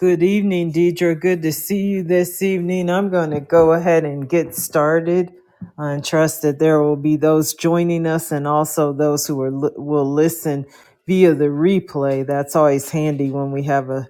Good evening, Deidre. Good to see you this evening. I'm going to go ahead and get started and trust that there will be those joining us and also those who are, li- will listen via the replay. That's always handy when we have a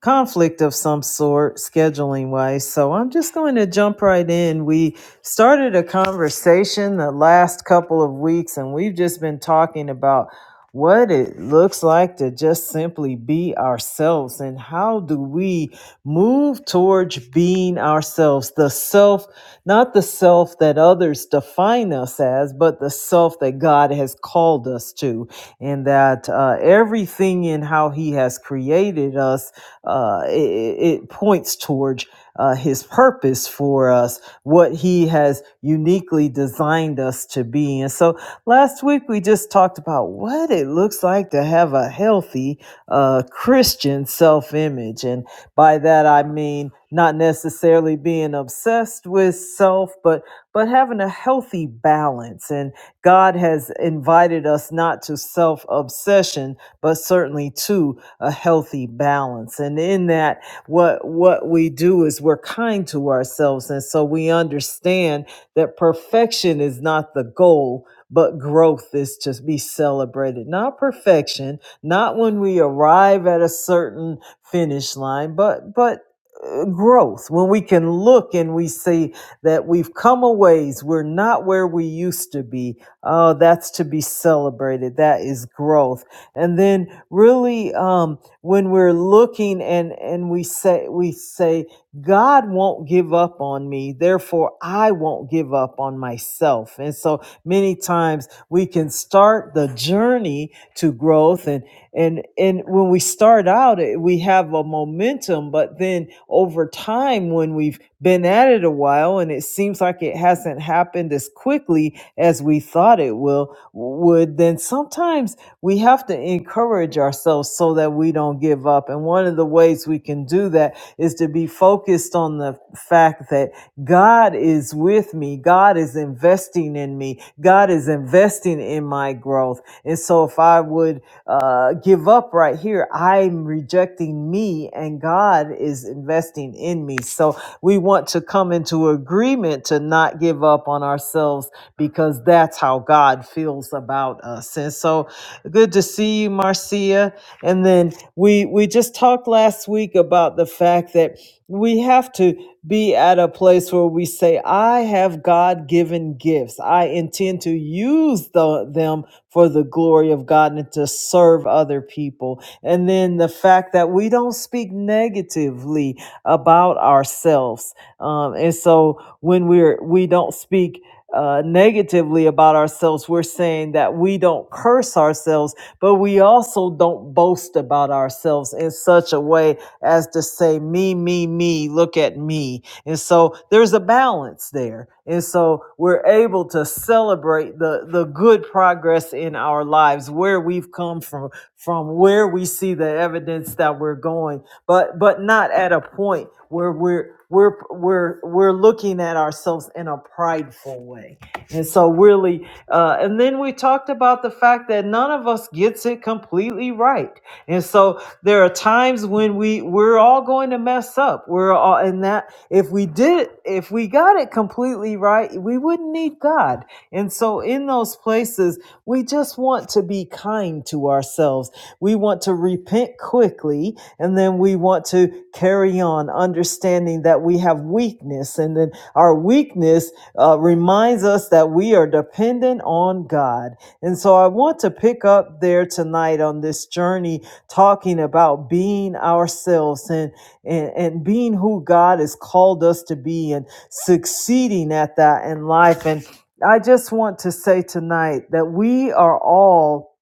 conflict of some sort, scheduling wise. So I'm just going to jump right in. We started a conversation the last couple of weeks, and we've just been talking about what it looks like to just simply be ourselves and how do we move towards being ourselves the self not the self that others define us as but the self that god has called us to and that uh, everything in how he has created us uh, it, it points towards uh, his purpose for us what he has uniquely designed us to be and so Last week we just talked about what it looks like to have a healthy uh, Christian self image. And by that I mean not necessarily being obsessed with self, but, but having a healthy balance. And God has invited us not to self obsession, but certainly to a healthy balance. And in that, what, what we do is we're kind to ourselves. And so we understand that perfection is not the goal but growth is to be celebrated. Not perfection, not when we arrive at a certain finish line, but but uh, growth when we can look and we see that we've come a ways we're not where we used to be oh that's to be celebrated that is growth and then really um, when we're looking and and we say we say god won't give up on me therefore i won't give up on myself and so many times we can start the journey to growth and and and when we start out eh, we have a momentum but then over time when we've been at it a while and it seems like it hasn't happened as quickly as we thought it will would then sometimes we have to encourage ourselves so that we don't give up and one of the ways we can do that is to be focused on the fact that God is with me. God is investing in me. God is investing in my growth. And so if I would uh, give up right here, I'm rejecting me and God is investing in me. So we want to come into agreement to not give up on ourselves because that's how God feels about us. And so good to see you, Marcia. And then we, we just talked last week about the fact that we have to be at a place where we say, I have God given gifts. I intend to use the, them for the glory of God and to serve other people. And then the fact that we don't speak negatively about ourselves. Um, and so when we're, we don't speak uh, negatively about ourselves, we're saying that we don't curse ourselves, but we also don't boast about ourselves in such a way as to say, me, me, me, look at me. And so there's a balance there. And so we're able to celebrate the, the good progress in our lives, where we've come from, from where we see the evidence that we're going, but but not at a point where we're we're we're we're looking at ourselves in a prideful way. And so really uh, and then we talked about the fact that none of us gets it completely right. And so there are times when we we're all going to mess up we're all in that if we did if we got it completely right we wouldn't need god and so in those places we just want to be kind to ourselves we want to repent quickly and then we want to carry on understanding that we have weakness and then our weakness uh, reminds us that we are dependent on god and so i want to pick up there tonight on this journey talking about being ourselves and, and and being who God has called us to be and succeeding at that in life and I just want to say tonight that we are all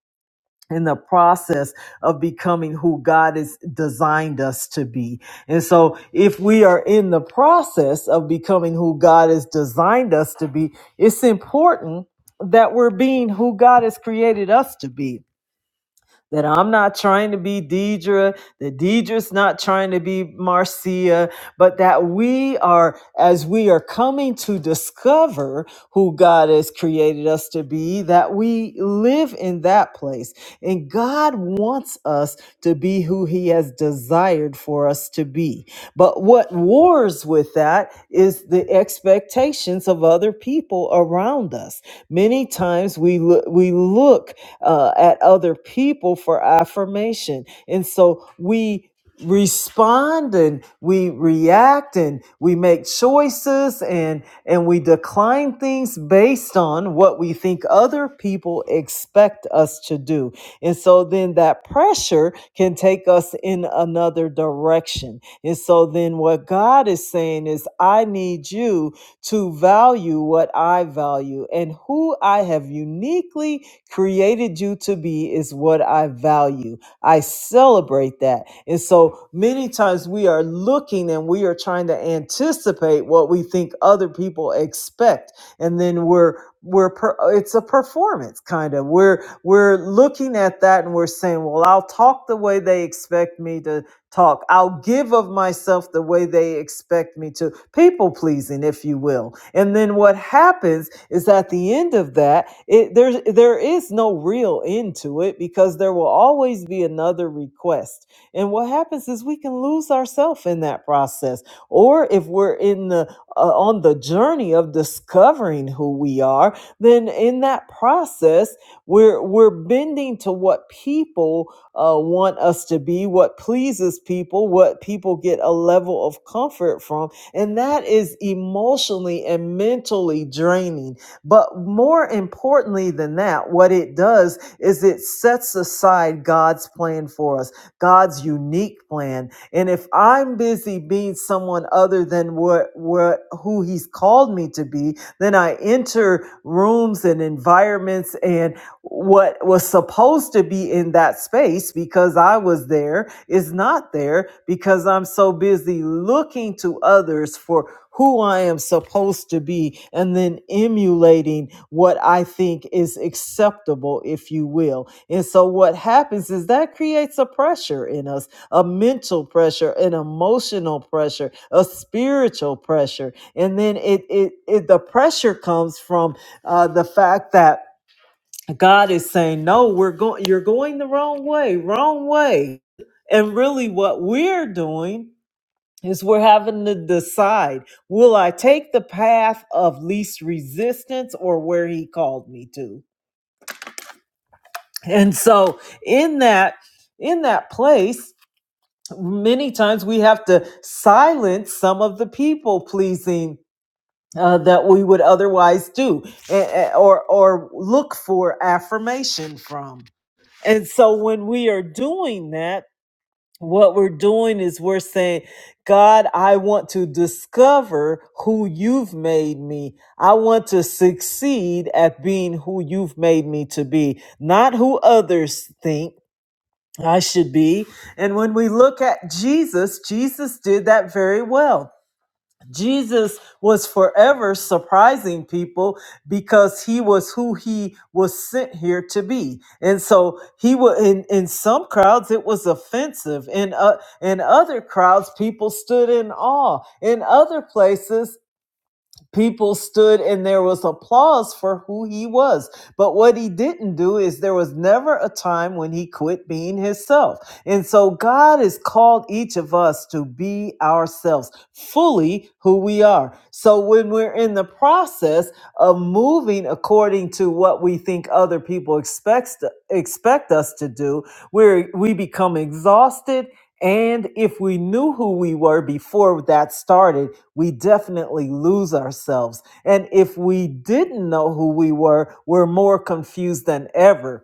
in the process of becoming who God has designed us to be. And so if we are in the process of becoming who God has designed us to be, it's important that we're being who God has created us to be that I'm not trying to be Deidre, that Deidre's not trying to be Marcia, but that we are, as we are coming to discover who God has created us to be, that we live in that place. And God wants us to be who He has desired for us to be. But what wars with that is the expectations of other people around us. Many times we look, we look uh, at other people for affirmation, and so we respond and we react and we make choices and and we decline things based on what we think other people expect us to do and so then that pressure can take us in another direction and so then what god is saying is i need you to value what i value and who i have uniquely created you to be is what i value I celebrate that. And so many times we are looking and we are trying to anticipate what we think other people expect. And then we're, we're, per, it's a performance kind of. We're, we're looking at that and we're saying, well, I'll talk the way they expect me to talk. I'll give of myself the way they expect me to, people pleasing, if you will. And then what happens is at the end of that, it, there's, there is no real end to it because there will always be another request. And what happens is we can lose ourselves in that process. Or if we're in the uh, on the journey of discovering who we are, then in that process, we're we're bending to what people uh, want us to be, what pleases people, what people get a level of comfort from. And that is emotionally and mentally draining. But more importantly than that, what it does is it sets aside God's plan for us, God's unique plan. And if I'm busy being someone other than what, what who He's called me to be, then I enter rooms and environments and what was supposed to be in that space because I was there is not there because I'm so busy looking to others for who I am supposed to be and then emulating what I think is acceptable, if you will. And so what happens is that creates a pressure in us, a mental pressure, an emotional pressure, a spiritual pressure. And then it, it, it the pressure comes from uh, the fact that God is saying, no, we're going, you're going the wrong way, wrong way. And really, what we're doing is we're having to decide will I take the path of least resistance or where he called me to? And so, in that, in that place, many times we have to silence some of the people pleasing uh, that we would otherwise do eh, eh, or, or look for affirmation from. And so when we are doing that, what we're doing is we're saying, God, I want to discover who you've made me. I want to succeed at being who you've made me to be, not who others think I should be. And when we look at Jesus, Jesus did that very well. Jesus was forever surprising people because he was who he was sent here to be. And so he was in, in some crowds it was offensive. In uh, in other crowds people stood in awe. In other places people stood and there was applause for who he was. But what he didn't do is there was never a time when he quit being himself. And so God has called each of us to be ourselves, fully who we are. So when we're in the process of moving according to what we think other people expects to, expect us to do, we we become exhausted and if we knew who we were before that started, we definitely lose ourselves. And if we didn't know who we were, we're more confused than ever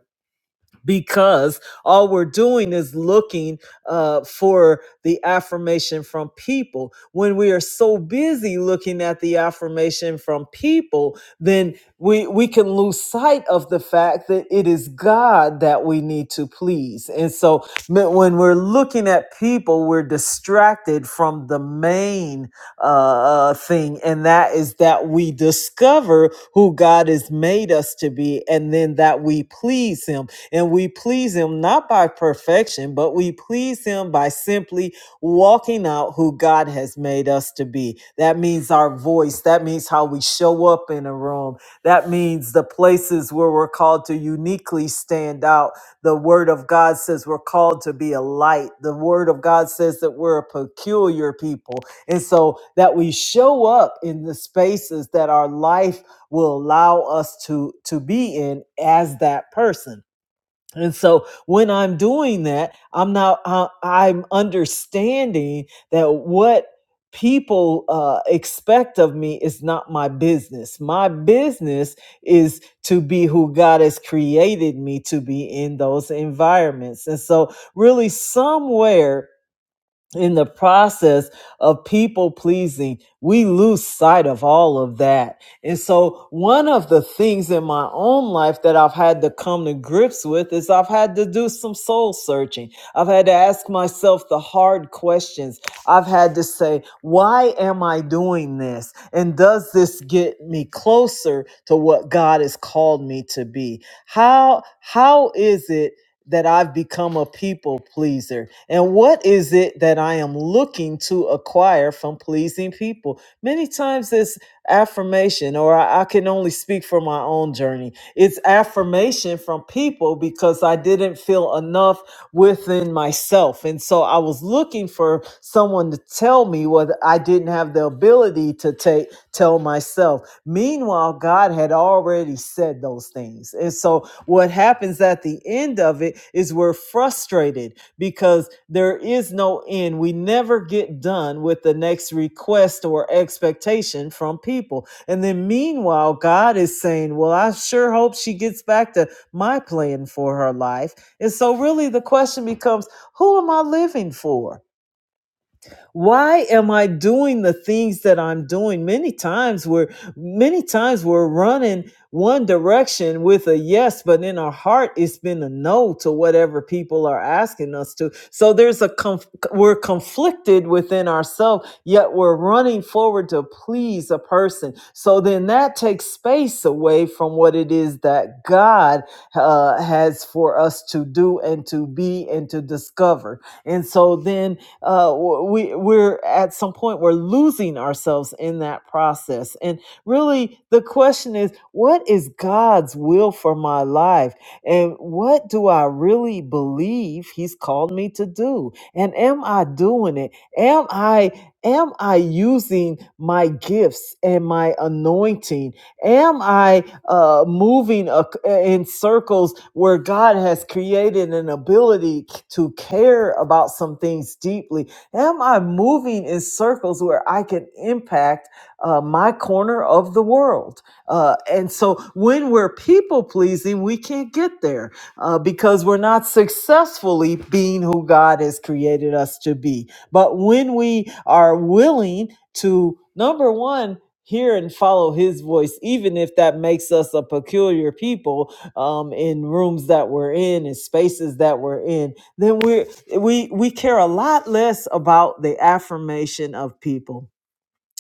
because all we're doing is looking uh, for the affirmation from people. When we are so busy looking at the affirmation from people, then we we can lose sight of the fact that it is God that we need to please. And so m- when we're looking at people, we're distracted from the main uh, uh, thing, and that is that we discover who God has made us to be, and then that we please Him and we please Him not by perfection, but we please Him by simply walking out who God has made us to be. That means our voice. That means how we show up in a room. That means the places where we're called to uniquely stand out. The Word of God says we're called to be a light. The Word of God says that we're a peculiar people. And so that we show up in the spaces that our life will allow us to, to be in as that person and so when I'm doing that, I'm not, uh, I'm understanding that what people uh, expect of me is not my business. My business is to be who God has created me to be in those environments. And so, really, somewhere, in the process of people pleasing, we lose sight of all of that. And so, one of the things in my own life that I've had to come to grips with is I've had to do some soul searching. I've had to ask myself the hard questions. I've had to say, why am I doing this? And does this get me closer to what God has called me to be? How, how is it? that I've become a people pleaser? And what is it that I am looking to acquire from pleasing people? Many times it's affirmation, or I, I can only speak for my own journey. It's affirmation from people because I didn't feel enough within myself. And so I was looking for someone to tell me what I didn't have the ability to take tell myself. Meanwhile, God had already said those things. And so what happens at the end of it is we're frustrated because there is no end. We never get done with the next request or expectation from people. And then meanwhile, God is saying, Well, I sure hope she gets back to my plan for her life. And so, really, the question becomes, Who am I living for? why am i doing the things that i'm doing many times we're many times we're running one direction with a yes but in our heart it's been a no to whatever people are asking us to so there's a conf- we're conflicted within ourselves yet we're running forward to please a person so then that takes space away from what it is that god uh, has for us to do and to be and to discover and so then uh, we we're at some point we're losing ourselves in that process. And really, the question is, what is God's will for my life, and what do I really believe He's called me to do, and am I doing it? Am I am I using my gifts and my anointing? Am I uh, moving uh in circles where God has created an ability to care about some things deeply? Am I moving in circles where I can impact uh, my corner of the world? Uh, and so when we're people pleasing, we can't get there uh, because we're not successfully being who God has created us to be. But when we are willing to, number one, hear and follow his voice, even if that makes us a peculiar people um, in rooms that we're in and spaces that we're in, then we we we care a lot less about the affirmation of people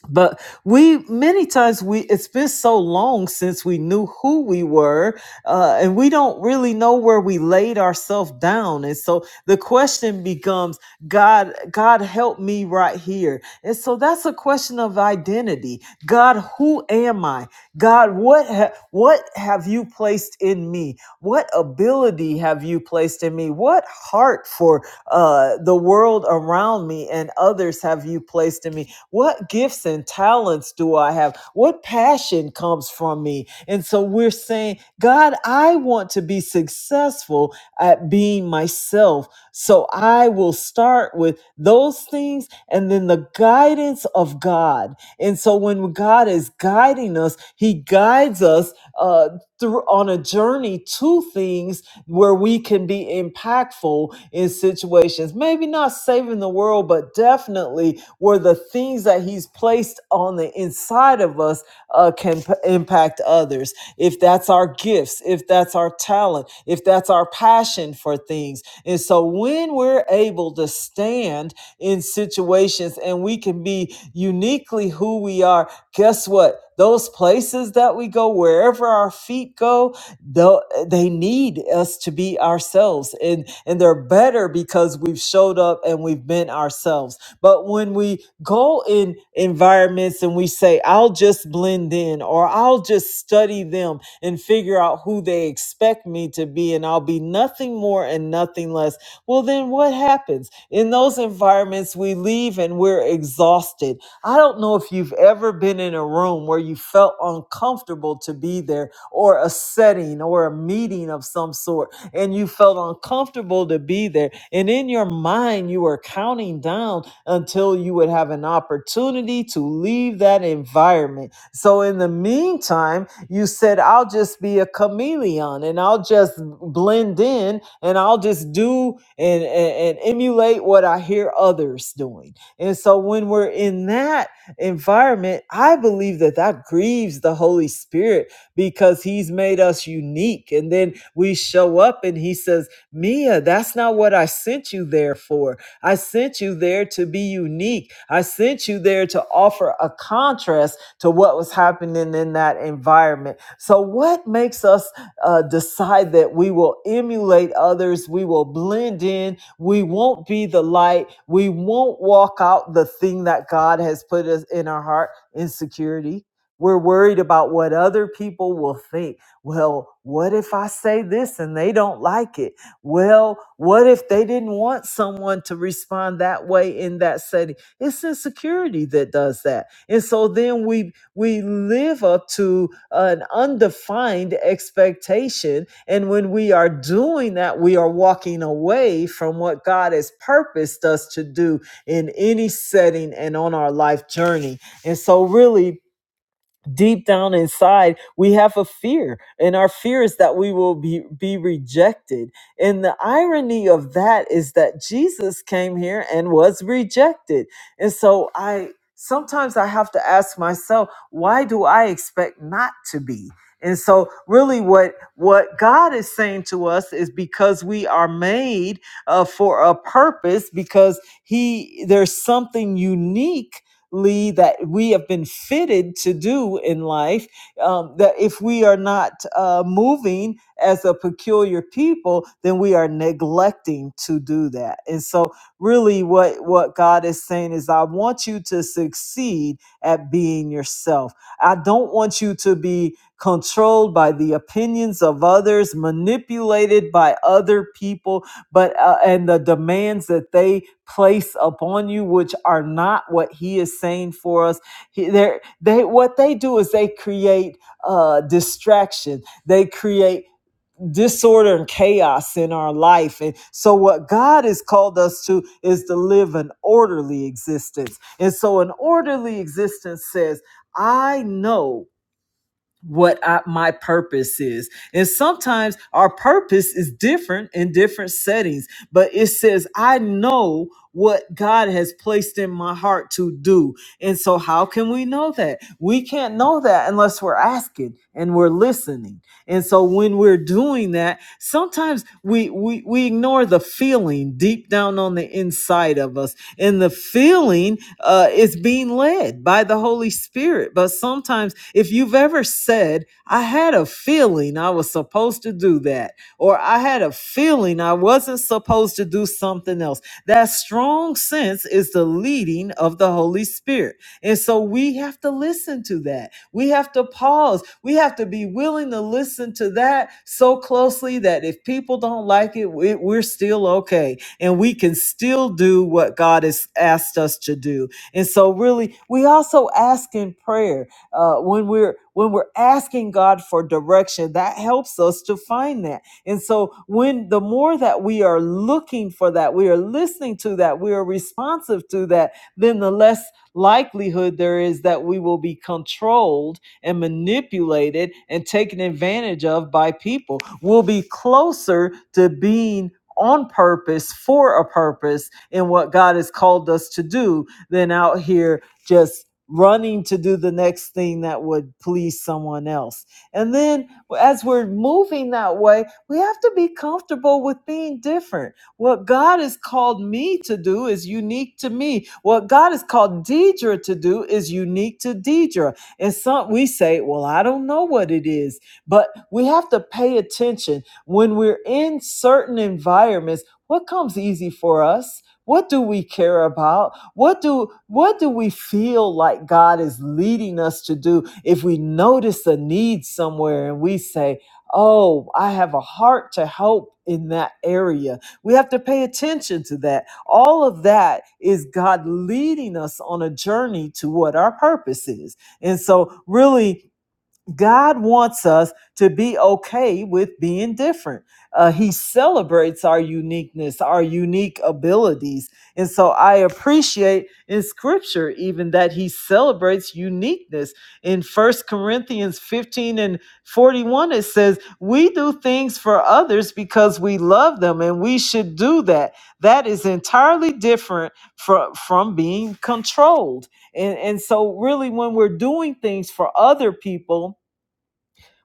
but we many times we it's been so long since we knew who we were uh, and we don't really know where we laid ourselves down and so the question becomes god god help me right here and so that's a question of identity god who am i god what ha- what have you placed in me what ability have you placed in me what heart for uh, the world around me and others have you placed in me what gifts and talents do I have? What passion comes from me? And so we're saying, God, I want to be successful at being myself. So I will start with those things and then the guidance of God. And so when God is guiding us, He guides us. uh, through on a journey to things where we can be impactful in situations maybe not saving the world but definitely where the things that he's placed on the inside of us uh, can p- impact others if that's our gifts if that's our talent if that's our passion for things and so when we're able to stand in situations and we can be uniquely who we are guess what? Those places that we go, wherever our feet go, tho- they need us to be ourselves. And, and they're better because we've showed up and we've been ourselves. But when we go in environments and we say, I'll just blend in or I'll just study them and figure out who they expect me to be and I'll be nothing more and nothing less, well, then what happens? In those environments, we leave and we're exhausted I don't know if you've ever been in a room where you felt uncomfortable to be there or a setting or a meeting of some sort and you felt uncomfortable to be there. And in your mind, you were counting down until you would have an opportunity to leave that environment. So in the meantime, you said, I'll just be a chameleon and I'll just blend in and I'll just do and, and, and emulate what I hear others doing. And so when we're in that environment, I believe that that grieves the Holy Spirit because he's made us unique. And then we show up and he says, Mia, that's not what I sent you there for. I sent you there to be unique. I sent you there to offer a contrast to what was happening in that environment. So, what makes us uh, decide that we will emulate others? We will blend in we won't be the light. We won't walk out the thing that God has put us in our heart, insecurity. We're worried about what other people will think. Well, what if I say this and they don't like it? Well, what if they didn't want someone to respond that way in that setting? It's insecurity that does that. And so then we we live up to an undefined expectation. And when we are doing that, we are walking away from what God has purposed us to do in any setting and on our life journey. And so, really, deep down inside we have a fear and our fear is that we will be be rejected and the irony of that is that jesus came here and was rejected and so i sometimes i have to ask myself why do i expect not to be and so really what what god is saying to us is because we are made uh, for a purpose because he there's something unique Lee, that we have been fitted to do in life, um, that if we are not uh, moving as a peculiar people, then we are neglecting to do that. And so, really, what, what God is saying is, I want you to succeed at being yourself. I don't want you to be controlled by the opinions of others, manipulated by other people, but uh, and the demands that they place upon you which are not what he is saying for us He- they're- they what they do is they create uh distraction they create disorder and chaos in our life and so what god has called us to is to live an orderly existence and so an orderly existence says i know what I, my purpose is. And sometimes our purpose is different in different settings, but it says, I know what God has placed in my heart to do. And so, how can we know that? We can't know that unless we're asking and we're listening. And so, when we're doing that, sometimes we, we, we ignore the feeling deep down on the inside of us and the feeling uh, is being led by the Holy Spirit. But sometimes, if you've ever said, I had a feeling I was supposed to do that, or I had a feeling I wasn't supposed to do something else, that strong sense is the leading of the Holy Spirit. And so we have to listen to that. We have to pause. We have to be willing to listen to that so closely that if people don't like it, we- we're still okay and we can still do what God has asked us to do. And so really we also ask in prayer. Uh when we're when we're asking God for direction, that helps us to find that. And so when the more that we are looking for that, we are listening to that, we are responsive to that, then the less likelihood there is that we will be controlled and manipulated and taken advantage of by people. We'll be closer to being on purpose for a purpose in what God has called us to do than out here just running to do the next thing that would please someone else. And then as we're moving that way, we have to be comfortable with being different. What God has called me to do is unique to me. What God has called Deidre to do is unique to Deidre. And some we say, well, I don't know what it is, but we have to pay attention when we're in certain environments, what comes easy for us? What do we care about? What do what do we feel like God is leading us to do? If we notice a need somewhere and we say, "Oh, I have a heart to help in that area." We have to pay attention to that. All of that is God leading us on a journey to what our purpose is. And so really God wants us to be okay with being different. Uh, he celebrates our uniqueness, our unique abilities. And so I appreciate in scripture even that he celebrates uniqueness. In First Corinthians 15 and 41, it says, We do things for others because we love them and we should do that. That is entirely different from, from being controlled. And, and so, really, when we're doing things for other people,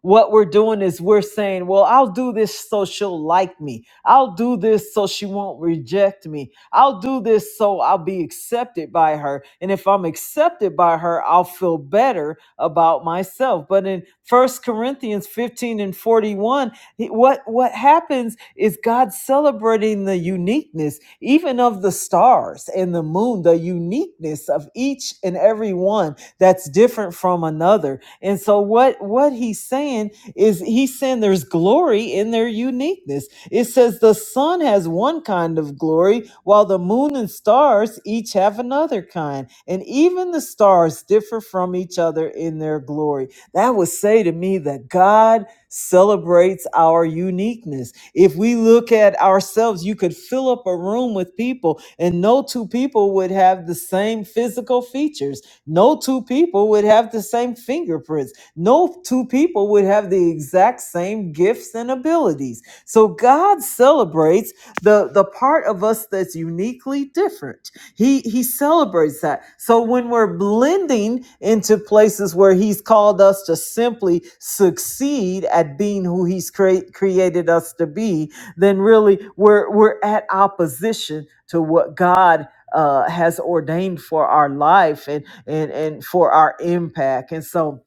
what we're doing is we're saying, well, I'll do this so she'll like me. I'll do this so she won't reject me. I'll do this so I'll be accepted by her. And if I'm accepted by her, I'll feel better about myself. But in First Corinthians 15 and 41, he- what, what happens is God celebrating the uniqueness, even of the stars and the moon, the uniqueness of each and every one that's different from another. And so what what he's saying is he's saying there's glory in their uniqueness. It says the sun has one kind of glory while the moon and stars each have another kind. And even the stars differ from each other in their glory. That would say to me that God celebrates our uniqueness. If we look at ourselves, you could fill up a room with people and no two people would have the same physical features no two people would have the same fingerprints. No two people would have the exact same gifts and abilities. So God celebrates the, the part of us that's uniquely different. He, he celebrates that. So when we're blending into places where He's called us to simply succeed at being who He's crea- created us to be, then really we're, we're at opposition to what God uh, has ordained for our life. And and and for our impact and so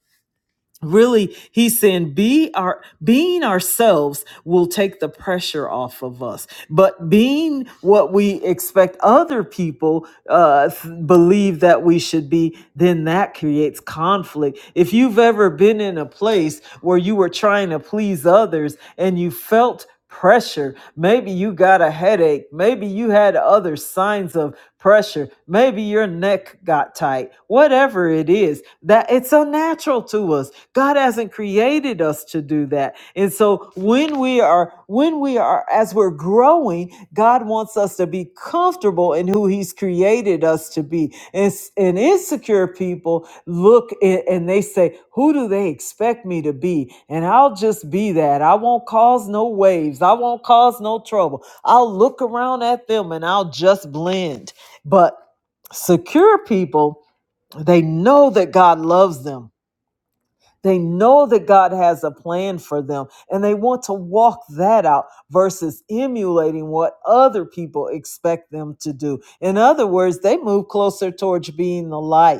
Really, he's saying be our being ourselves will take the pressure off of us. But being what we expect other people uh, th- believe that we should be, then that creates conflict. If you've ever been in a place where you were trying to please others and you felt pressure. Maybe you got a headache. Maybe you had other signs of pressure. Maybe your neck got tight. Whatever it is, that it's unnatural to us God hasn't created us to do that. And so when we are when we are as we're growing, God wants us to be comfortable in who he's created us to be. And, and insecure people look a- and they say, "Who do they expect me to be?" And I'll just be that. I won't cause no waves. I won't cause no trouble. I'll look around at them and I'll just blend. But secure people, they know that God loves them they know that God has a plan for them and they want to walk that out versus emulating what other people expect them to do. In other words, they move closer towards being the light.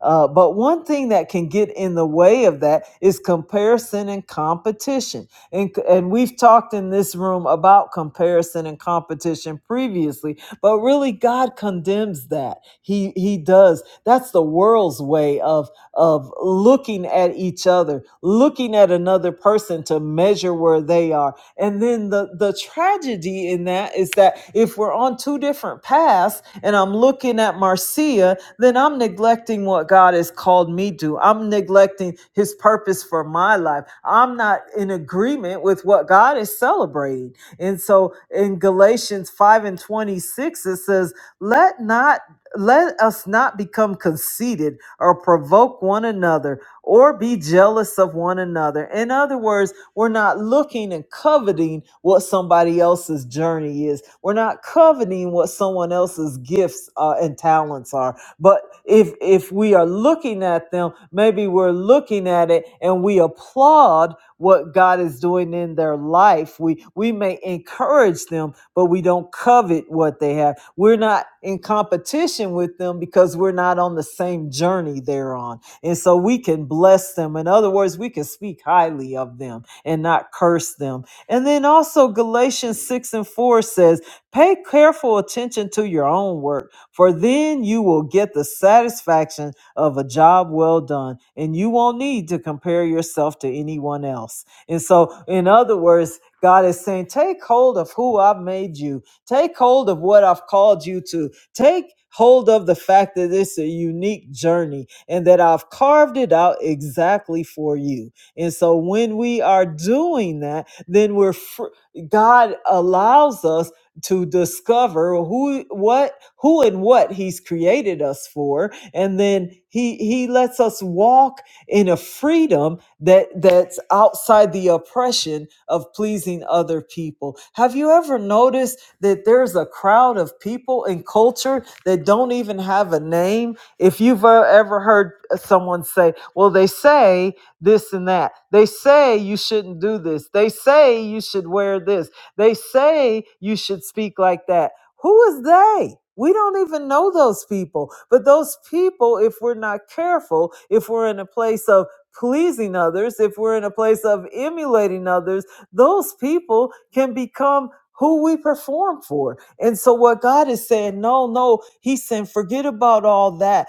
Uh, but one thing that can get in the way of that is comparison and competition. And, and we've talked in this room about comparison and competition previously, but really God condemns that. He, he does. That's the world's way of of looking at each other, looking at another person to measure where they are. And then the, the tragedy in that is that if we're on two different paths and I'm looking at Marcia, then I'm neglecting what God has called me to. I'm neglecting his purpose for my life. I'm not in agreement with what God is celebrating. And so in Galatians 5 and 26, it says, let not let us not become conceited or provoke one another or be jealous of one another. In other words, we're not looking and coveting what somebody else's journey is. We're not coveting what someone else's gifts uh, and talents are. But if if we are looking at them, maybe we're looking at it and we applaud what God is doing in their life. We we may encourage them but we don't covet what they have. We're not in competition with them because we're not on the same journey they're on. And so we can bless them. In other words, we can speak highly of them and not curse them. And then also, Galatians 6 and 4 says, Pay careful attention to your own work, for then you will get the satisfaction of a job well done, and you won't need to compare yourself to anyone else. And so, in other words, God is saying, take hold of who I've made you. Take hold of what I've called you to. Take hold of the fact that it's a unique journey and that I've carved it out exactly for you. And so when we are doing that, then we're fr- God allows us to discover who what who and what he's created us for and then he he lets us walk in a freedom that that's outside the oppression of pleasing other people. Have you ever noticed that there's a crowd of people in culture that don't even have a name? If you've uh, ever heard someone say, "Well, they say this and that. They say you shouldn't do this. They say you should wear this. They say you should speak like that." Who is they? We don't even know those people. But those people, if we're not careful, if we're in a place of pleasing others, if we're in a place of emulating others, those people can become who we perform for. And so what God is saying, no, no, he's saying forget about all that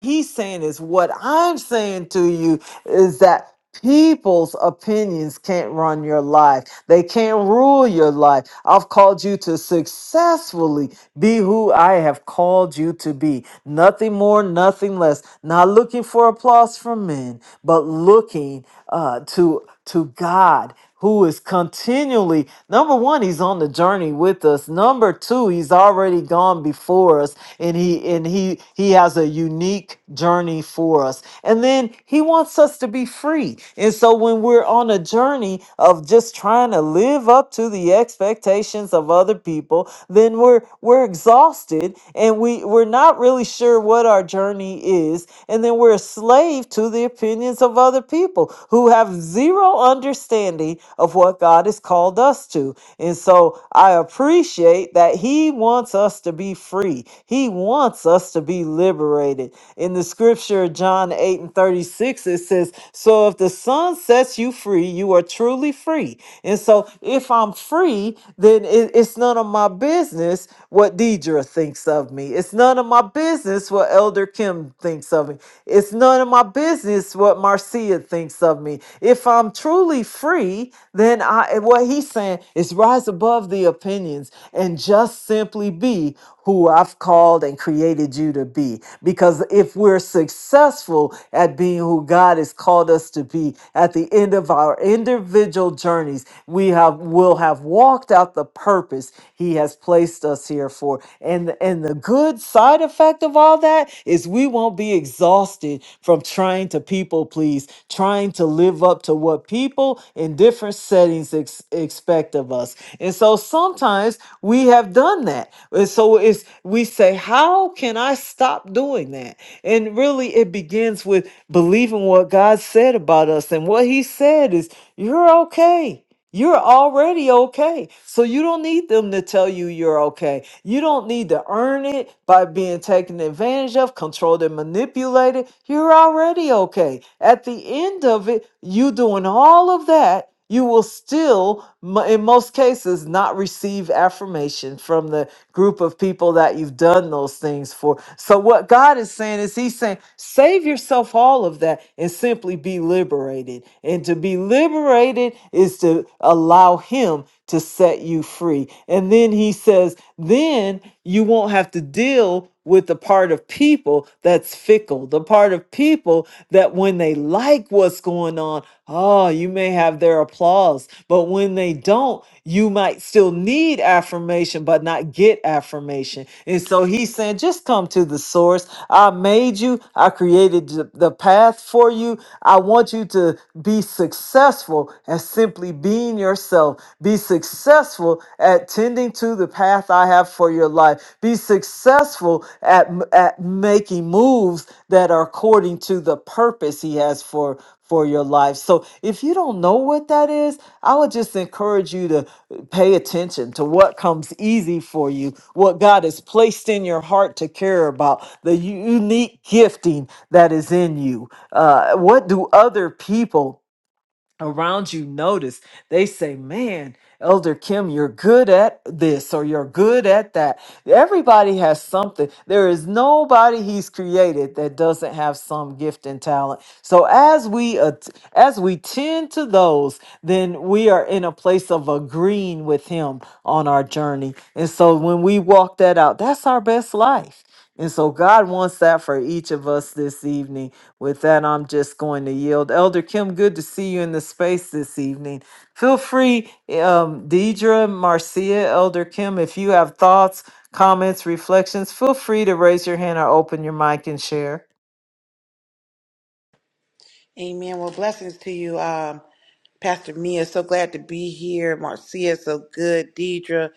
he's saying is what I'm saying to you is that people's opinions can't run your life. They can't rule your life. I've called you to successfully be who I have called you to be. Nothing more, nothing less. Not looking for applause from men, but looking uh, to to God who is continually number one he's on the journey with us number two he's already gone before us and he and he he has a unique journey for us and then he wants us to be free and so when we're on a journey of just trying to live up to the expectations of other people then we're we're exhausted and we we're not really sure what our journey is and then we're a slave to the opinions of other people who have zero understanding of what God has called us to. And so I appreciate that He wants us to be free, He wants us to be liberated. In the scripture, John 8 and 36, it says, So if the Son sets you free, you are truly free. And so if I'm free, then it- it's none of my business business what Deidre thinks of me. It's none of my business what Elder Kim thinks of me. It's none of my business what Marcia thinks of me. If I'm truly free, then I and what he's saying is rise above the opinions and just simply be who I've called and created you to be. Because if we're successful at being who God has called us to be at the end of our our individual journeys, we have will have walked out the purpose He has placed us here for. And and the good side effect of all that is we won't be exhausted from trying to people please, trying to live up to what people in different settings ex- expect of us. And so sometimes we have done that. And so it's we say, how can I stop doing that? And really, it begins with believing what God said about us. And what He said is, you're okay. You're already okay. So you don't need them to tell you you're okay. You don't need to earn it by being taken advantage of, controlled and manipulated. You're already okay. At the end of it, you doing all of that, you will still mo- in most cases, not receive affirmation from the group of people that you've done those things for. So, what God is saying is, He's saying, save yourself all of that and simply be liberated. And to be liberated is to allow Him to set you free. And then He says, then you won't have to deal with the part of people that's fickle, the part of people that when they like what's going on, oh, you may have their applause. But when they don't, you might still need affirmation, but not get affirmation. And so he's saying, just come to the source. I made you, I created the the path for you. I want you to be successful at simply being yourself, be successful at tending to the path I have for your life. Be successful at, at making moves that are according to the purpose He has for for your life. So if you don't know what that is, I would just encourage you to pay attention to what comes easy for you, what God has placed in your heart to care about, the u- unique gifting that is in you. Uh, what do other people? around you notice they say man elder kim you're good at this or you're good at that everybody has something there is nobody he's created that doesn't have some gift and talent so as we at- as we tend to those then we are in a place of agreeing with him on our journey and so when we walk that out that's our best life and so God wants that for each of us this evening. With that, I'm just going to yield. Elder Kim, good to see you in the space this evening. Feel free, um, Deidre, Marcia, Elder Kim, if you have thoughts, comments, reflections, feel free to raise your hand or open your mic and share. Amen. Well, blessings to you, um, Pastor Mia. So glad to be here. Marcia, so good. Deidre,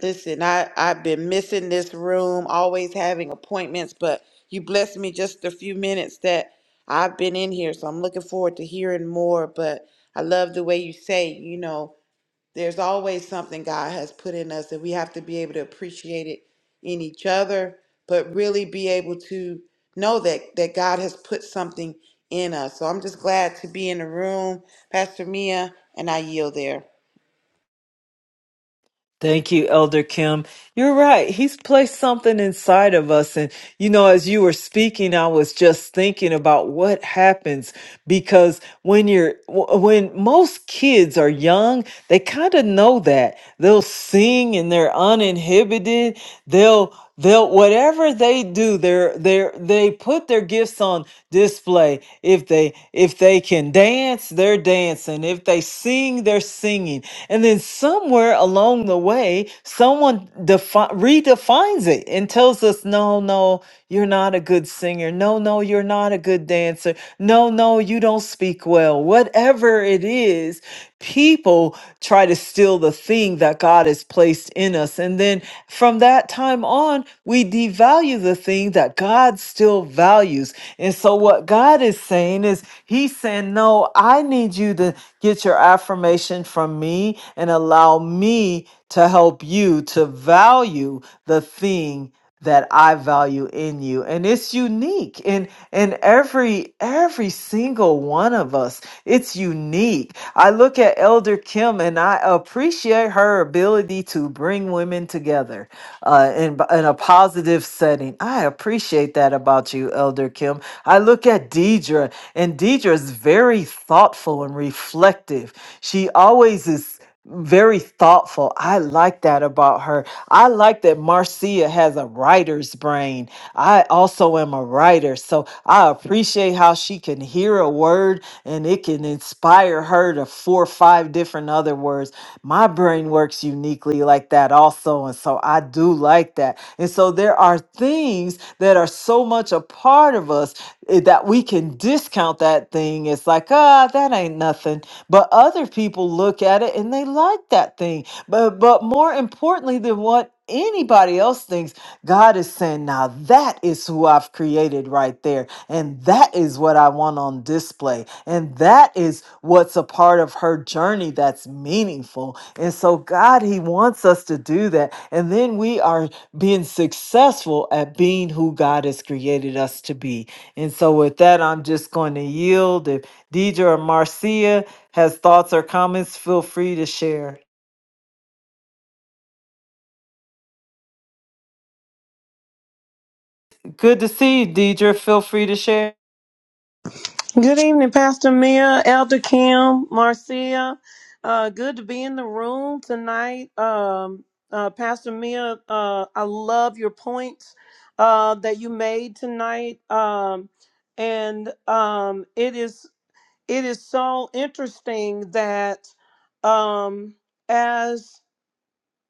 listen, I, I've been missing this room, always having appointments, but you blessed me just a few minutes that I've been in here. So I'm looking forward to hearing more. But I love the way you say, you know, there's always something God has put in us, and we have to be able to appreciate it in each other, but really be able to know that that God has put something in us. So I'm just glad to be in the room, Pastor Mia, and I yield there. Thank you, Elder Kim. You're right. He's placed something inside of us. And, you know, as you were speaking, I was just thinking about what happens because when you're, w- when most kids are young, They kind of know that. They'll sing and they're uninhibited. They'll they'll whatever they do, they're they're they put their gifts on display. If they if they can dance, they're dancing. If they sing, they're singing. And then somewhere along the way, someone defi- redefines it and tells us, no, no. You're not a good singer. No, no, you're not a good dancer. No, no, you don't speak well. Whatever it is, people try to steal the thing that God has placed in us. And then from that time on, we devalue the thing that God still values. And so what God is saying is, He's saying, No, I need you to get your affirmation from me and allow me to help you to value the thing that I value in you and it's unique in in every every single one of us it's unique I look at Elder Kim and I appreciate her ability to bring women together uh, in in a positive setting I appreciate that about you Elder Kim I look at Deidre and Deidre is very thoughtful and reflective she always is very thoughtful. I like that about her. I like that Marcia has a writer's brain. I also am a writer, so I appreciate how she can hear a word and it can inspire her to four or five different other words. My brain works uniquely like that also, and so I do like that. And so there are things that are so much a part of us eh, that we can discount that thing. It's like, ah, that ain't nothing. But other people look at it and they like that thing. But but more importantly than what anybody else thinks, God is saying, now that is who I've created right there. And that is what I want on display. And that is what's a part of her journey that's meaningful. And so, God, He wants us to do that. And then we are being successful at being who God has created us to be. And so, with that, I'm just going to yield. If Deidre or Marcia, has thoughts or comments, feel free to share. Good to see you, Deidre. Feel free to share. Good evening, Pastor Mia, Elder Kim, Marcia. Uh, good to be in the room tonight. Um, uh, Pastor Mia, uh, I love your points uh, that you made tonight, um, and um, it is it is so interesting that um, as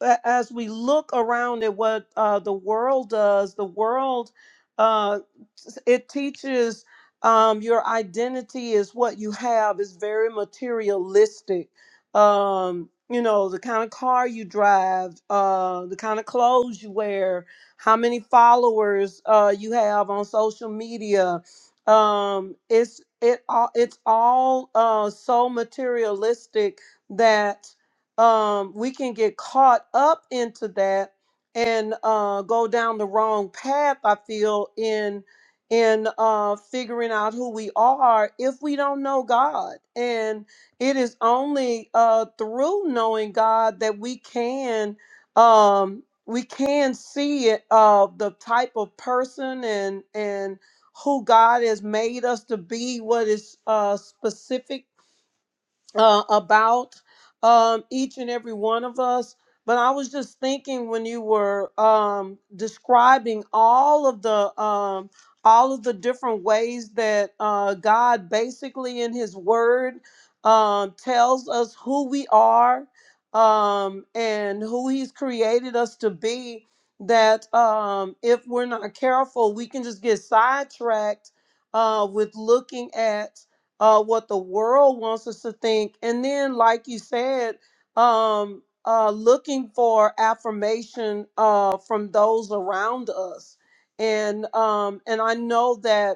a- as we look around at what uh, the world does, the world uh, s- it teaches um, your identity is what you have is very materialistic. Um, you know the kind of car you drive, uh, the kind of clothes you wear, how many followers uh, you have on social media. Um, it's it all it's all uh, so materialistic that um, we can get caught up into that and uh, go down the wrong path. I feel in in uh, figuring out who we are if we don't know God, and it is only uh, through knowing God that we can um, we can see it uh, the type of person and and who God has made us to be, what is uh, specific uh, about um, each and every one of us. But I was just thinking when you were um, describing all of the um, all of the different ways that uh, God basically in His Word um, tells us who we are um, and who He's created us to be. That um, if we're not careful, we can just get sidetracked uh, with looking at uh, what the world wants us to think. And then, like you said, um, uh, looking for affirmation uh, from those around us. And um, and I know that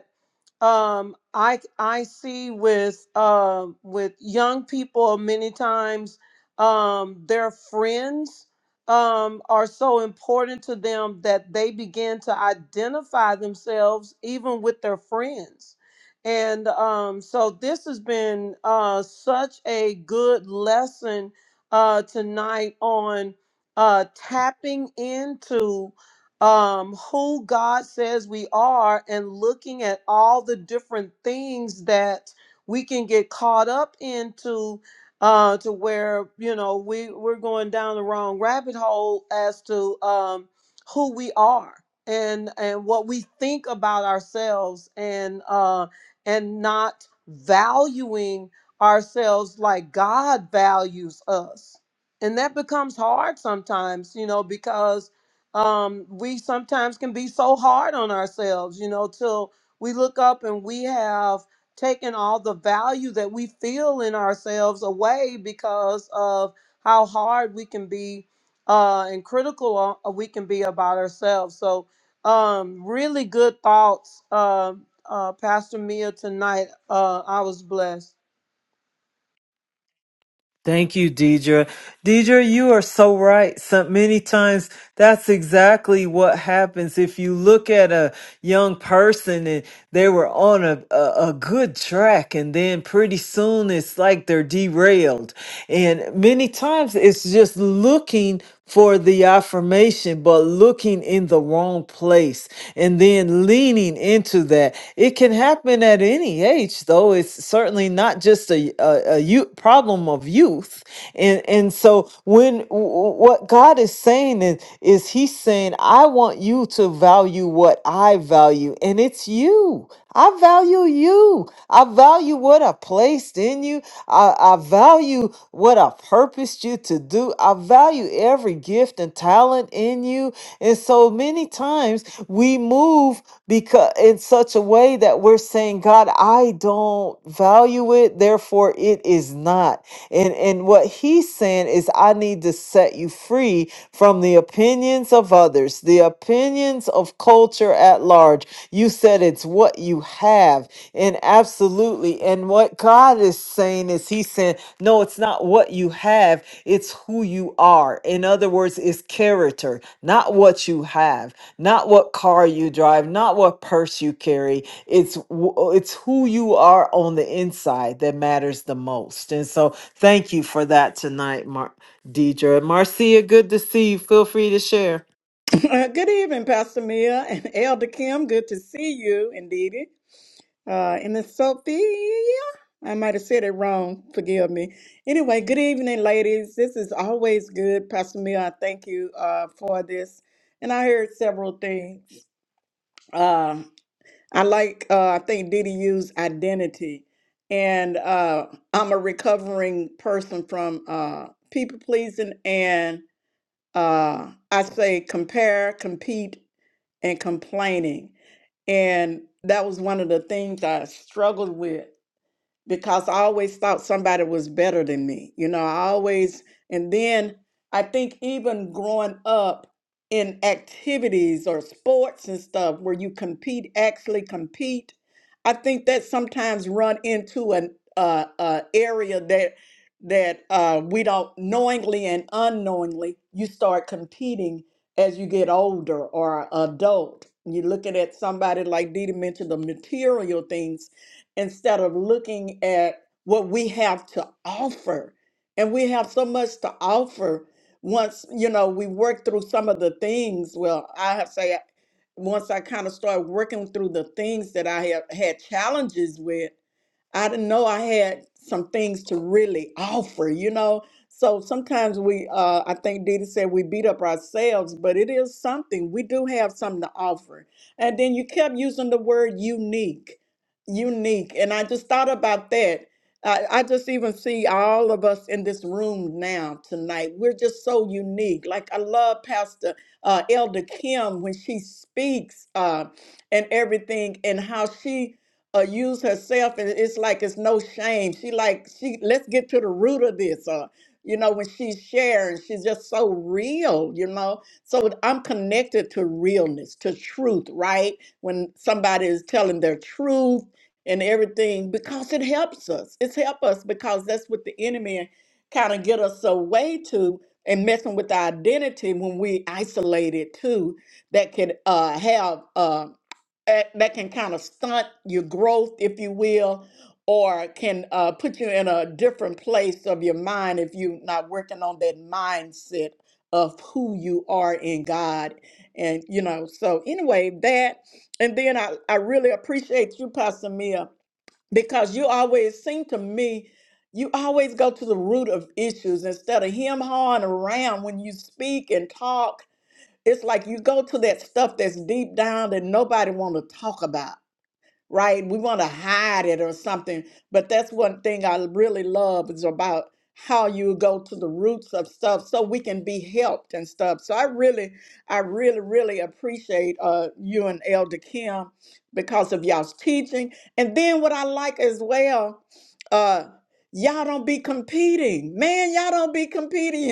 um i i see with um with young people many times um their friends um are so important to them that they begin to identify themselves even with their friends and um so this has been uh such a good lesson uh tonight on uh tapping into um, who God says we are and looking at all the different things that we can get caught up into uh, to where you know we we're going down the wrong rabbit hole as to um, who we are and and what we think about ourselves and uh, and not valuing ourselves like God values us and that becomes hard sometimes you know because um, we sometimes can be so hard on ourselves, you know, till we look up and we have taken all the value that we feel in ourselves away because of how hard we can be uh, and critical o- uh, we can be about ourselves. So, um, really good thoughts, uh, uh, Pastor Mia, tonight. Uh, I was blessed. Thank you, Deidre. Deidre, you are so right. So many times that's exactly what happens. If you look at a young person they were on a, a, a good track and then pretty soon it's like they're derailed and many times it's just looking for the affirmation but looking in the wrong place and then leaning into that it can happen at any age though it's certainly not just a, a, a youth problem of youth and and so when w- w- what god is saying is is he's saying i want you to value what i value and it's it's you. I value you. I value what I placed in you. I, I value what I purposed you to do. I value every gift and talent in you. And so many times we move because in such a way that we're saying, God, I don't value it, therefore it is not. And and what he's saying is I need to set you free from the opinions of others, the opinions of culture at large you said it's what you have. And absolutely. And what God is saying is He's saying, no, it's not what you have, it's who you are. In other words, it's character, not what you have, not what car you drive, not what purse you carry. It's wh- it's who you are on the inside that matters the most. And so thank you for that tonight, Mar- Deidre. Marcia, good to see you. Feel free to share. Uh, good evening, Pastor Mia and Elder Kim. Good to see you, indeed. Uh, and Miss Sophia, I might have said it wrong. Forgive me. Anyway, good evening, ladies. This is always good, Pastor Mia. I thank you uh, for this. And I heard several things. Uh, I like. Uh, I think Didi used identity, and uh, I'm a recovering person from uh, people pleasing and uh, I say compare, compete and complaining. And that was one of the things I struggled with because I always thought somebody was better than me. You know, I always, and then I think even growing up in activities or sports and stuff where you compete, actually compete, I think that sometimes run into an uh, uh, area that that uh, we don't knowingly and unknowingly you start competing as you get older or adult. You're looking at somebody like Dita mentioned the material things instead of looking at what we have to offer. And we have so much to offer once, you know, we work through some of the things. Well, I have say once I kind of started working through the things that I have had challenges with, I didn't know I had some things to really offer, you know. So sometimes we, uh, I think Dita said we beat up ourselves, but it is something. We do have something to offer. And then you kept using the word unique unique. And I just thought about that. I, I just even see all of us in this room now tonight. We're just so unique. Like I love Pastor uh, Elder Kim when she speaks uh, and everything, and how she uh, use herself, and it's like it's no shame. She like she let's get to the root of this. Uh, you know when she's sharing, she's just so real. You know, so I'm connected to realness, to truth, right? When somebody is telling their truth and everything because it helps us. It's help us because that's what the enemy kind of get us away to and messing with our identity when we isolate it too. That could uh, have uh, a- that can kind of stunt your growth, if you will, or can uh, put you in a different place of your mind if you're not working on that mindset of who you are in God. And you know, so anyway, that. And then I, I really appreciate you, Pastor Mia, because you always seem to me, you always go to the root of issues instead of him hawing around when you speak and talk. It's like you go to that stuff that's deep down that nobody want to talk about right? We want to hide it or something. But that's one thing I really love is about how you go to the roots of stuff so we can be helped and stuff. So I really, I really, really appreciate uh, you and Elder Kim because of y'all's teaching. And then what I like as well, uh, y'all don't be competing. Man, y'all don't be competing.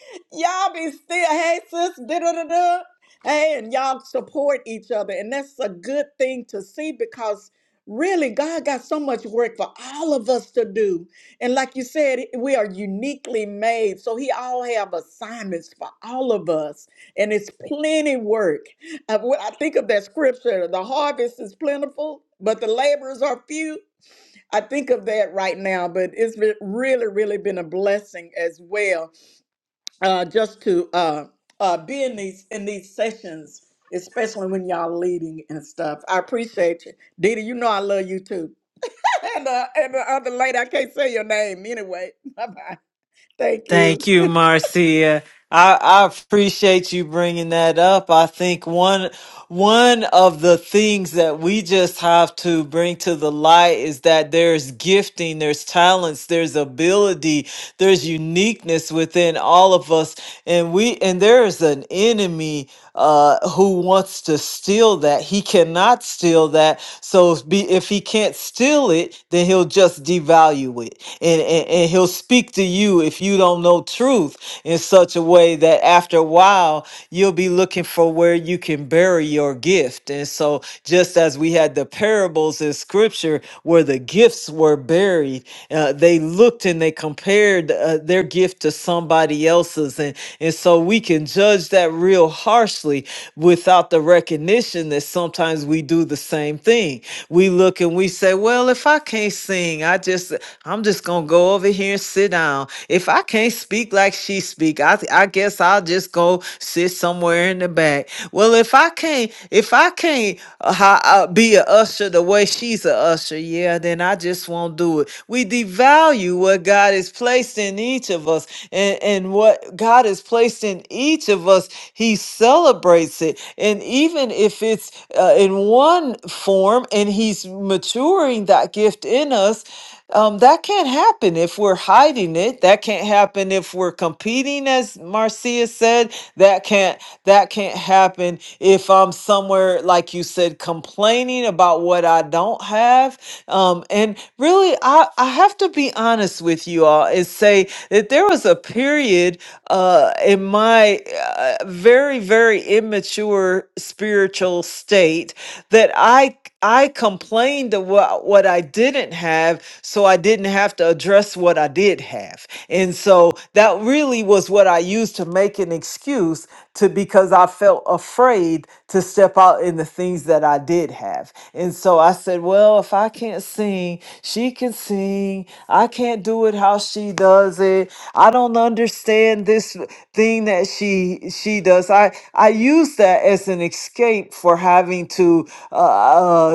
y'all be still, hey sis, da da da Hey, and y'all support each other. And that's a good thing to see because really God got so much work for all of us to do. And like you said, we are uniquely made. So he all have assignments for all of us. And it's plenty work. Uh, when I think of that scripture, the harvest is plentiful, but the laborers are few. I think of that right now, but it's re- really, really been a blessing as well uh, just to uh, uh, be in these in these sessions, especially when y'all leading and stuff. I appreciate you, Dita. You know I love you too. and uh, and the other lady, I can't say your name anyway. Bye bye. Thank you. Thank you, Marcia. I, I appreciate you bringing that up. I think one one of the things that we just have to bring to the light is that there's gifting, there's talents, there's ability, there's uniqueness within all of us. And we and there is an enemy uh who wants to steal that. He cannot steal that. So if be if he can't steal it, then he'll just devalue it. And, and and he'll speak to you if you don't know truth in such a way that after a while you'll be looking for where where you can bury your gift. And so, just as we had the parables in scripture where the gifts were buried, uh, they looked and they compared uh, their gift to somebody else's. And, and so, we can judge that real harshly without the recognition that sometimes we do the same thing. We look and we say, Well, if I can't sing, I just, I'm just going to go over here and sit down. If I can't speak like she speak, I, I guess I'll just go sit somewhere somewhere in the back. Well, if I can't, if I can't uh, ho- uh, be a usher the way she's a usher, yeah, then I just won't do it. We devalue what God has placed in each of us, and and what God has placed in each of us, He celebrates it. And even if it's uh, in one form, and He's maturing that gift in us, um, that can't happen if we're hiding it. That can't happen if we're competing, as Marcia said. That can't that can't happen if I'm somewhere like you said, complaining about what I don't have. Um, and really, I I have to be honest with you all and say that there was a period uh, in my uh, very very immature spiritual state that I. I complained of what, what I didn't have, so I didn't have to address what I did have. And so that really was what I used to make an excuse to because I felt afraid to step out in the things that I did have. And so I said, well, if I can't sing, she can sing. I can't do it how she does it. I don't understand this thing that she she does. I I used use that as an escape for having to uh,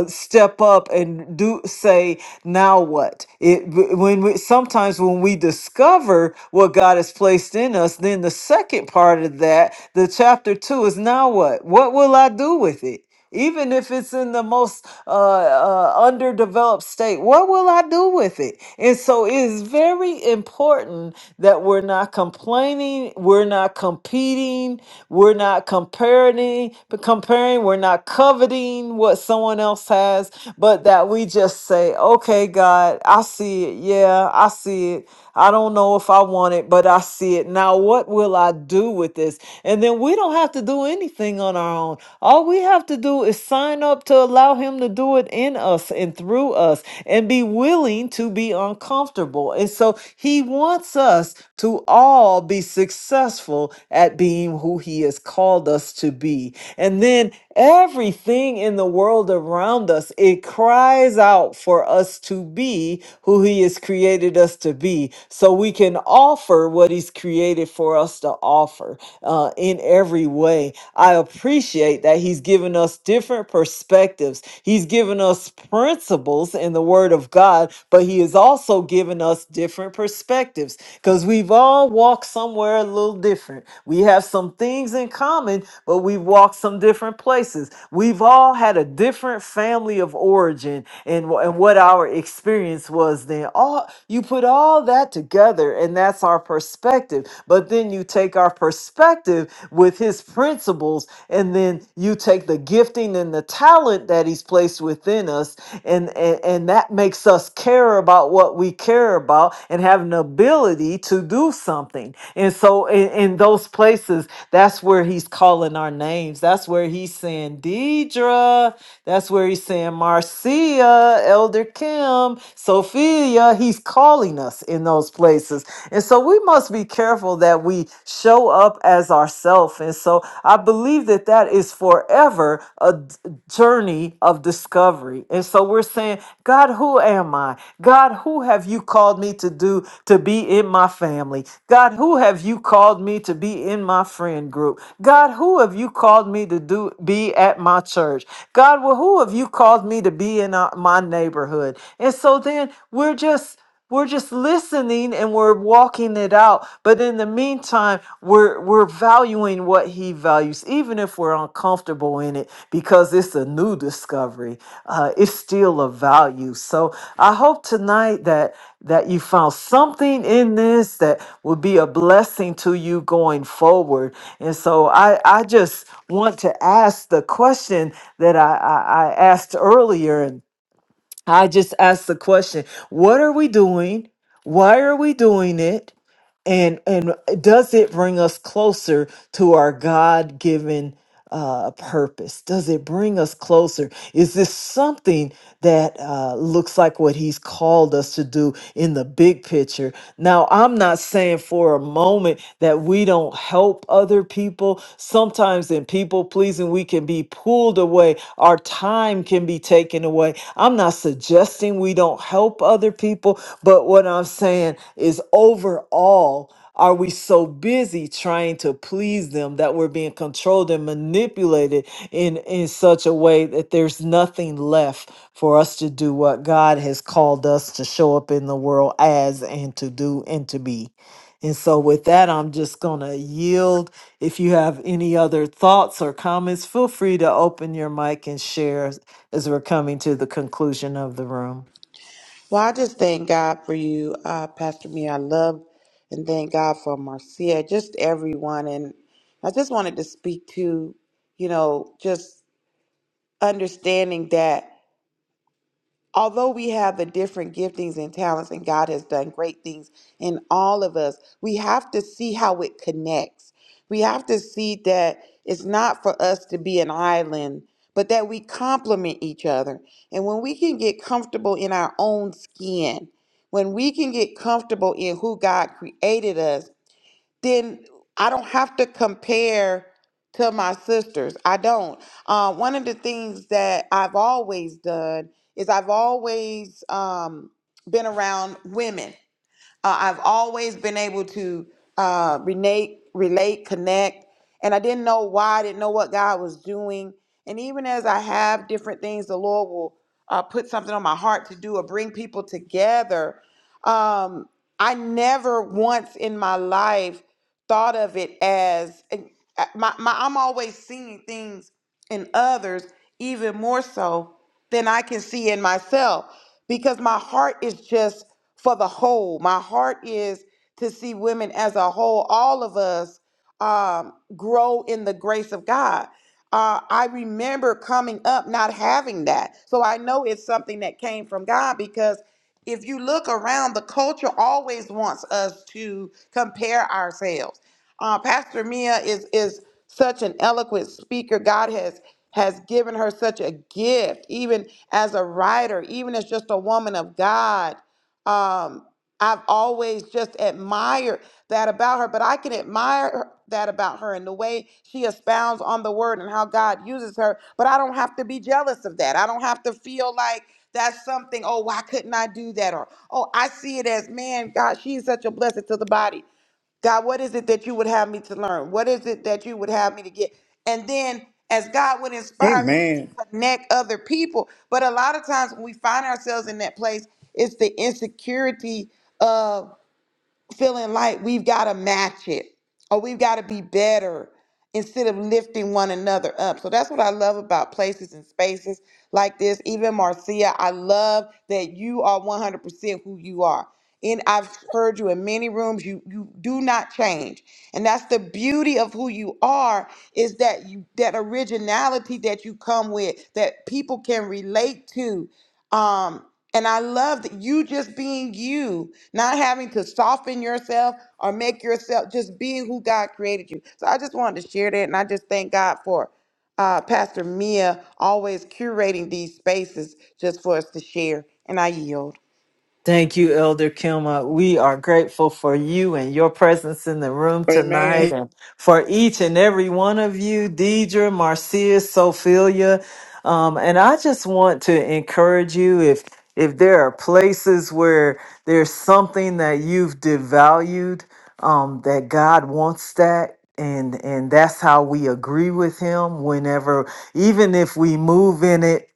uh, step up and do say now what it when we sometimes when we discover what god has placed in us then the second part of that the chapter two is now what what will i do with it even if it's in the most uh, uh, underdeveloped state, what will I do with it? And so it is very important that we're not complaining, we're not competing, we're not comparing, comparing, we're not coveting what someone else has, but that we just say, "Okay, God, I see it. Yeah, I see it. I don't know if I want it, but I see it. Now, what will I do with this? And then we don't have to do anything on our own. All we have to do is sign up to allow Him to do it in us and through us and be willing to be uncomfortable. And so He wants us to all be successful at being who He has called us to be. And then Everything in the world around us, it cries out for us to be who He has created us to be, so we can offer what He's created for us to offer uh, in every way. I appreciate that He's given us different perspectives. He's given us principles in the Word of God, but He has also given us different perspectives because we've all walked walk somewhere a little different. We have some things in common, but we've walked some different places. We've all had a different family of origin and, wh- and what our experience was then. All you put all that together, and that's our perspective. But then you take our perspective with his principles, and then you take the gifting and the talent that he's placed within us, and and and. And that makes us care about what we care about and have an ability to do something. And so, in, in those places, that's where he's calling our names. That's where he's saying, Deidre. That's where he's saying, Marcia, Elder Kim, Sophia. He's calling us in those places. And so, we must be careful that we show up as ourselves. And so, I believe that that that is forever a d- journey of discovery. And so we're saying, God, who am I? God, who have you called me to do to be in my family? God, who have you called me to be in my friend group? God, who have you called me to do be at my church? God, well, who have you called me to be in uh, my neighborhood? And so then we're just we're just listening and we're walking it out. But in the meantime, we're we're valuing what he values, even if we're uncomfortable in it, because it's a new discovery. Uh, it's still a value. So I hope tonight that that you found something in this that will be a blessing to you going forward. And so I, I just want to ask the question that I, I, I asked earlier and. I just asked the question, what are we doing? Why are we doing it? And and does it bring us closer to our God-given uh, purpose? Does it bring us closer? Is this something that uh, looks like what He's called us to do in the big picture? Now, I'm not saying for a moment that we don't help others other people. Sometimes in people pleasing, we can be pulled away. Our time can be taken away. I'm not suggesting we don't help other people, but what I'm saying is overall, are we so busy trying to please them that we're being controlled and manipulated in, in such a way that there's nothing left for us to do what God has called us to show up in the world as and to do and to be? And so, with that, I'm just going to yield if you have any other thoughts or comments, feel free to open your mic and share as we're coming to the conclusion of the room. Well, I just thank God for you, uh, Pastor Mia. I love and thank God for Marcia, just everyone. And I just wanted to speak to, you know, just understanding that. Although we have the different giftings and talents, and God has done great things in all of us, we have to see how it connects. We have to see that it's not for us to be an island, but that we complement each other. And when we can get comfortable in our own skin, when we can get comfortable in who God created us, then I don't have to compare to my sisters. I don't. Uh, one of the things that I've always done is I've always um, been around women. Uh, I've always been able to uh, relate, relate, connect, and I didn't know why. I didn't know what God was doing. And even as I have different things, the Lord will uh, put something on my heart to do or bring people together. Um, I never once in my life thought of it as and, uh, my, my I'm always seeing things in others even more so than I can see in myself because my heart is just for the whole. My heart is to see women as a whole, all of us um, grow in the grace of God. Uh, I remember coming up not having that. So I know it's something that came from God because if you look around, the culture always wants us to compare ourselves. Uh, Pastor Mia is is such an eloquent speaker. God has has given her such a gift, even as a writer, even as just a woman of God. Um, I've always just admired that about her, but I can admire her- that about her and the way she expounds on the word and how God uses her. But I don't have to be jealous of that. I don't have to feel like that's something, oh, why couldn't I do that? Or, oh, I see it as, man, God, she's such a blessing to the body. God, what is it that you would have me to learn? What is it that you would have me to get? And then as God would inspire me to Amen. connect other people. But a lot of times when we find ourselves in that place, it's the insecurity feeling like we've got to match it or we've got to be better instead of lifting one another up. So that's what I love about places and spaces like this. Even Marcia, I love that you are 100% who you are. And I've heard you in many rooms, you you do not change. And that's the beauty of who you are is that you that originality that you come with that people can relate to. Um and I love that you just being you, not having to soften yourself or make yourself just being who God created you. So I just wanted to share that. And I just thank God for uh, Pastor Mia always curating these spaces just for us to share. And I yield. Thank you, Elder Kilma. We are grateful for you and your presence in the room tonight Amen. and for each and every one of you, Deidre, Marcia, Sophelia. Um, and I just want to encourage you if if there are places where there's something that you've devalued, um, that God wants that and and that's how we agree with him whenever even if we move in it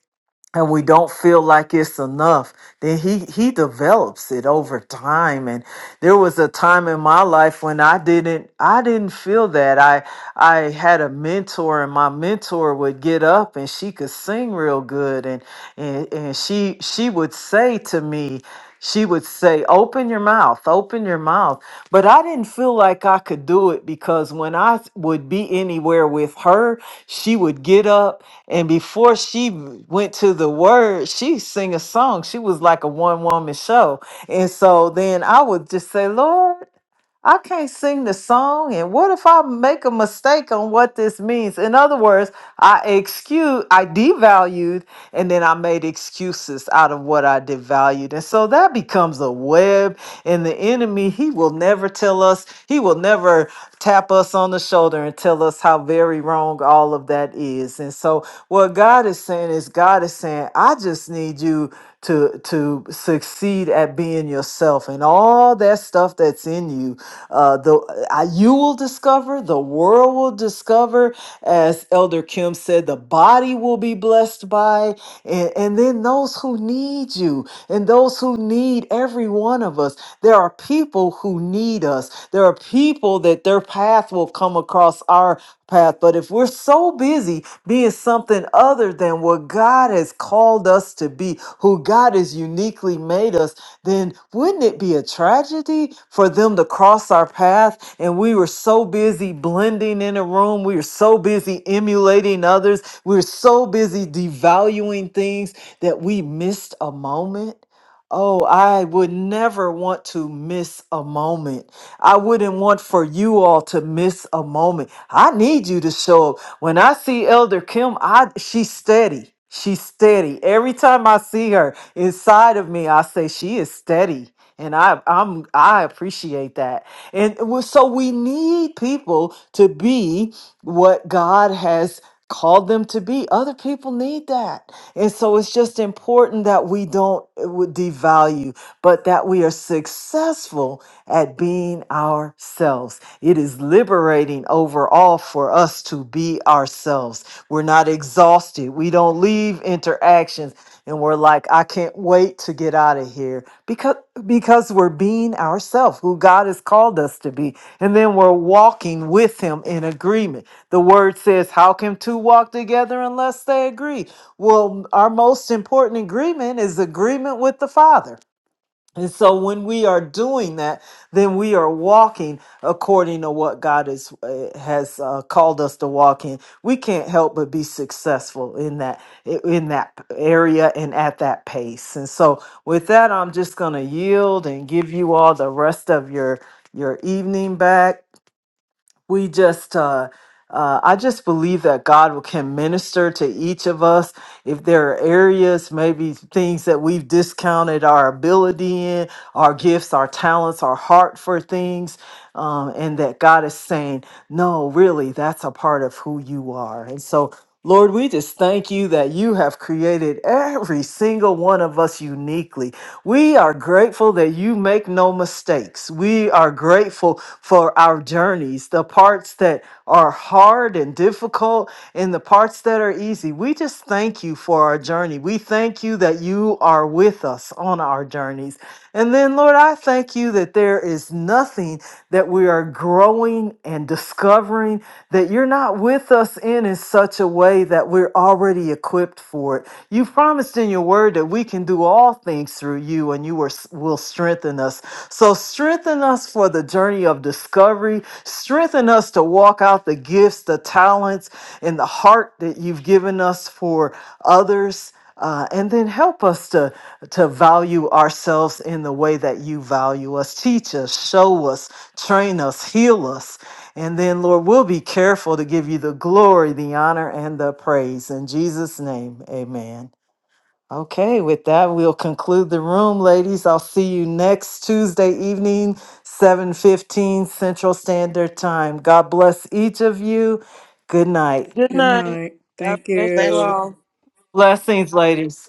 and we don't feel like it's enough then he he develops it over time and there was a time in my life when i didn't i didn't feel that i i had a mentor and my mentor would get up and she could sing real good and and, and she she would say to me she would say open your mouth open your mouth but i didn't feel like i could do it because when i would be anywhere with her she would get up and before she w- went to the word, she sing a song. She was like a one woman show. And so then I would just say, Lord. I can't sing the song, and what if I make a mistake on what this means? In other words, I excuse, I devalued, and then I made excuses out of what I devalued, and so that becomes a web. And the enemy, he will never tell us, he will never tap us on the shoulder and tell us how very wrong all of that is. And so, what God is saying is, God is saying, I just need you to to succeed at being yourself and all that stuff that's in you uh the uh, you will discover the world will discover as elder kim said the body will be blessed by and, and then those who need you and those who need every one of us there are people who need us there are people that their path will come across our path. But if we're so busy being something other than what God has called us to be, who God has uniquely made us, then wouldn't it be a tragedy for them to cross our path? And we were so busy blending in a room, we were so busy emulating others, we were so busy devaluing things that we missed a moment. Oh, I would never want to miss a moment I wouldn't want for you all to miss a moment. I need you to show up. When I see Elder Kim, I she's steady. She's steady. Every time I see her inside of me, I say she is steady. And I I'm I appreciate that. And it was- so we need people to be what God has called them to be. Other people need that. And so it's just important that we don't uh, would devalue, but that we are successful at being ourselves. It is liberating overall for us to be ourselves. We're not exhausted. We don't leave interactions and we're like, I can't wait to get out of here because because we're being ourselves, who God has called us to be. And then we're walking with him in agreement. The word says, How can two walk together unless they agree? Well, our most important agreement is agreement with the Father. And so when we are doing that, then we are walking according to what God is, uh, has uh, called us to walk in. We can't help but be successful in that in that area and at that pace. And so with that, I'm just going to yield and give you all the rest of your your evening back we just uh, uh, i just believe that god can minister to each of us if there are areas maybe things that we've discounted our ability in our gifts our talents our heart for things um, and that god is saying no really that's a part of who you are and so Lord, we just thank you that you have created every single one of us uniquely. We are grateful that you make no mistakes. We are grateful for our journeys, the parts that are hard and difficult, and the parts that are easy. We just thank you for our journey. We thank you that you are with us on our journeys. And then, Lord, I thank you that there is nothing that we are growing and discovering that you're not with us in in such a way that we're already equipped for it. You promised in your word that we can do all things through you and you are, will strengthen us. So strengthen us for the journey of discovery. Strengthen us to walk out the gifts, the talents, and the heart that you've given us for others uh, and then help us to to value ourselves in the way that you value us teach us show us train us heal us and then lord we'll be careful to give you the glory the honor and the praise in jesus name amen okay with that we'll conclude the room ladies i'll see you next tuesday evening 7.15 central standard time god bless each of you good night Good Good night. night. God Thank bless you you. all. blessings ladies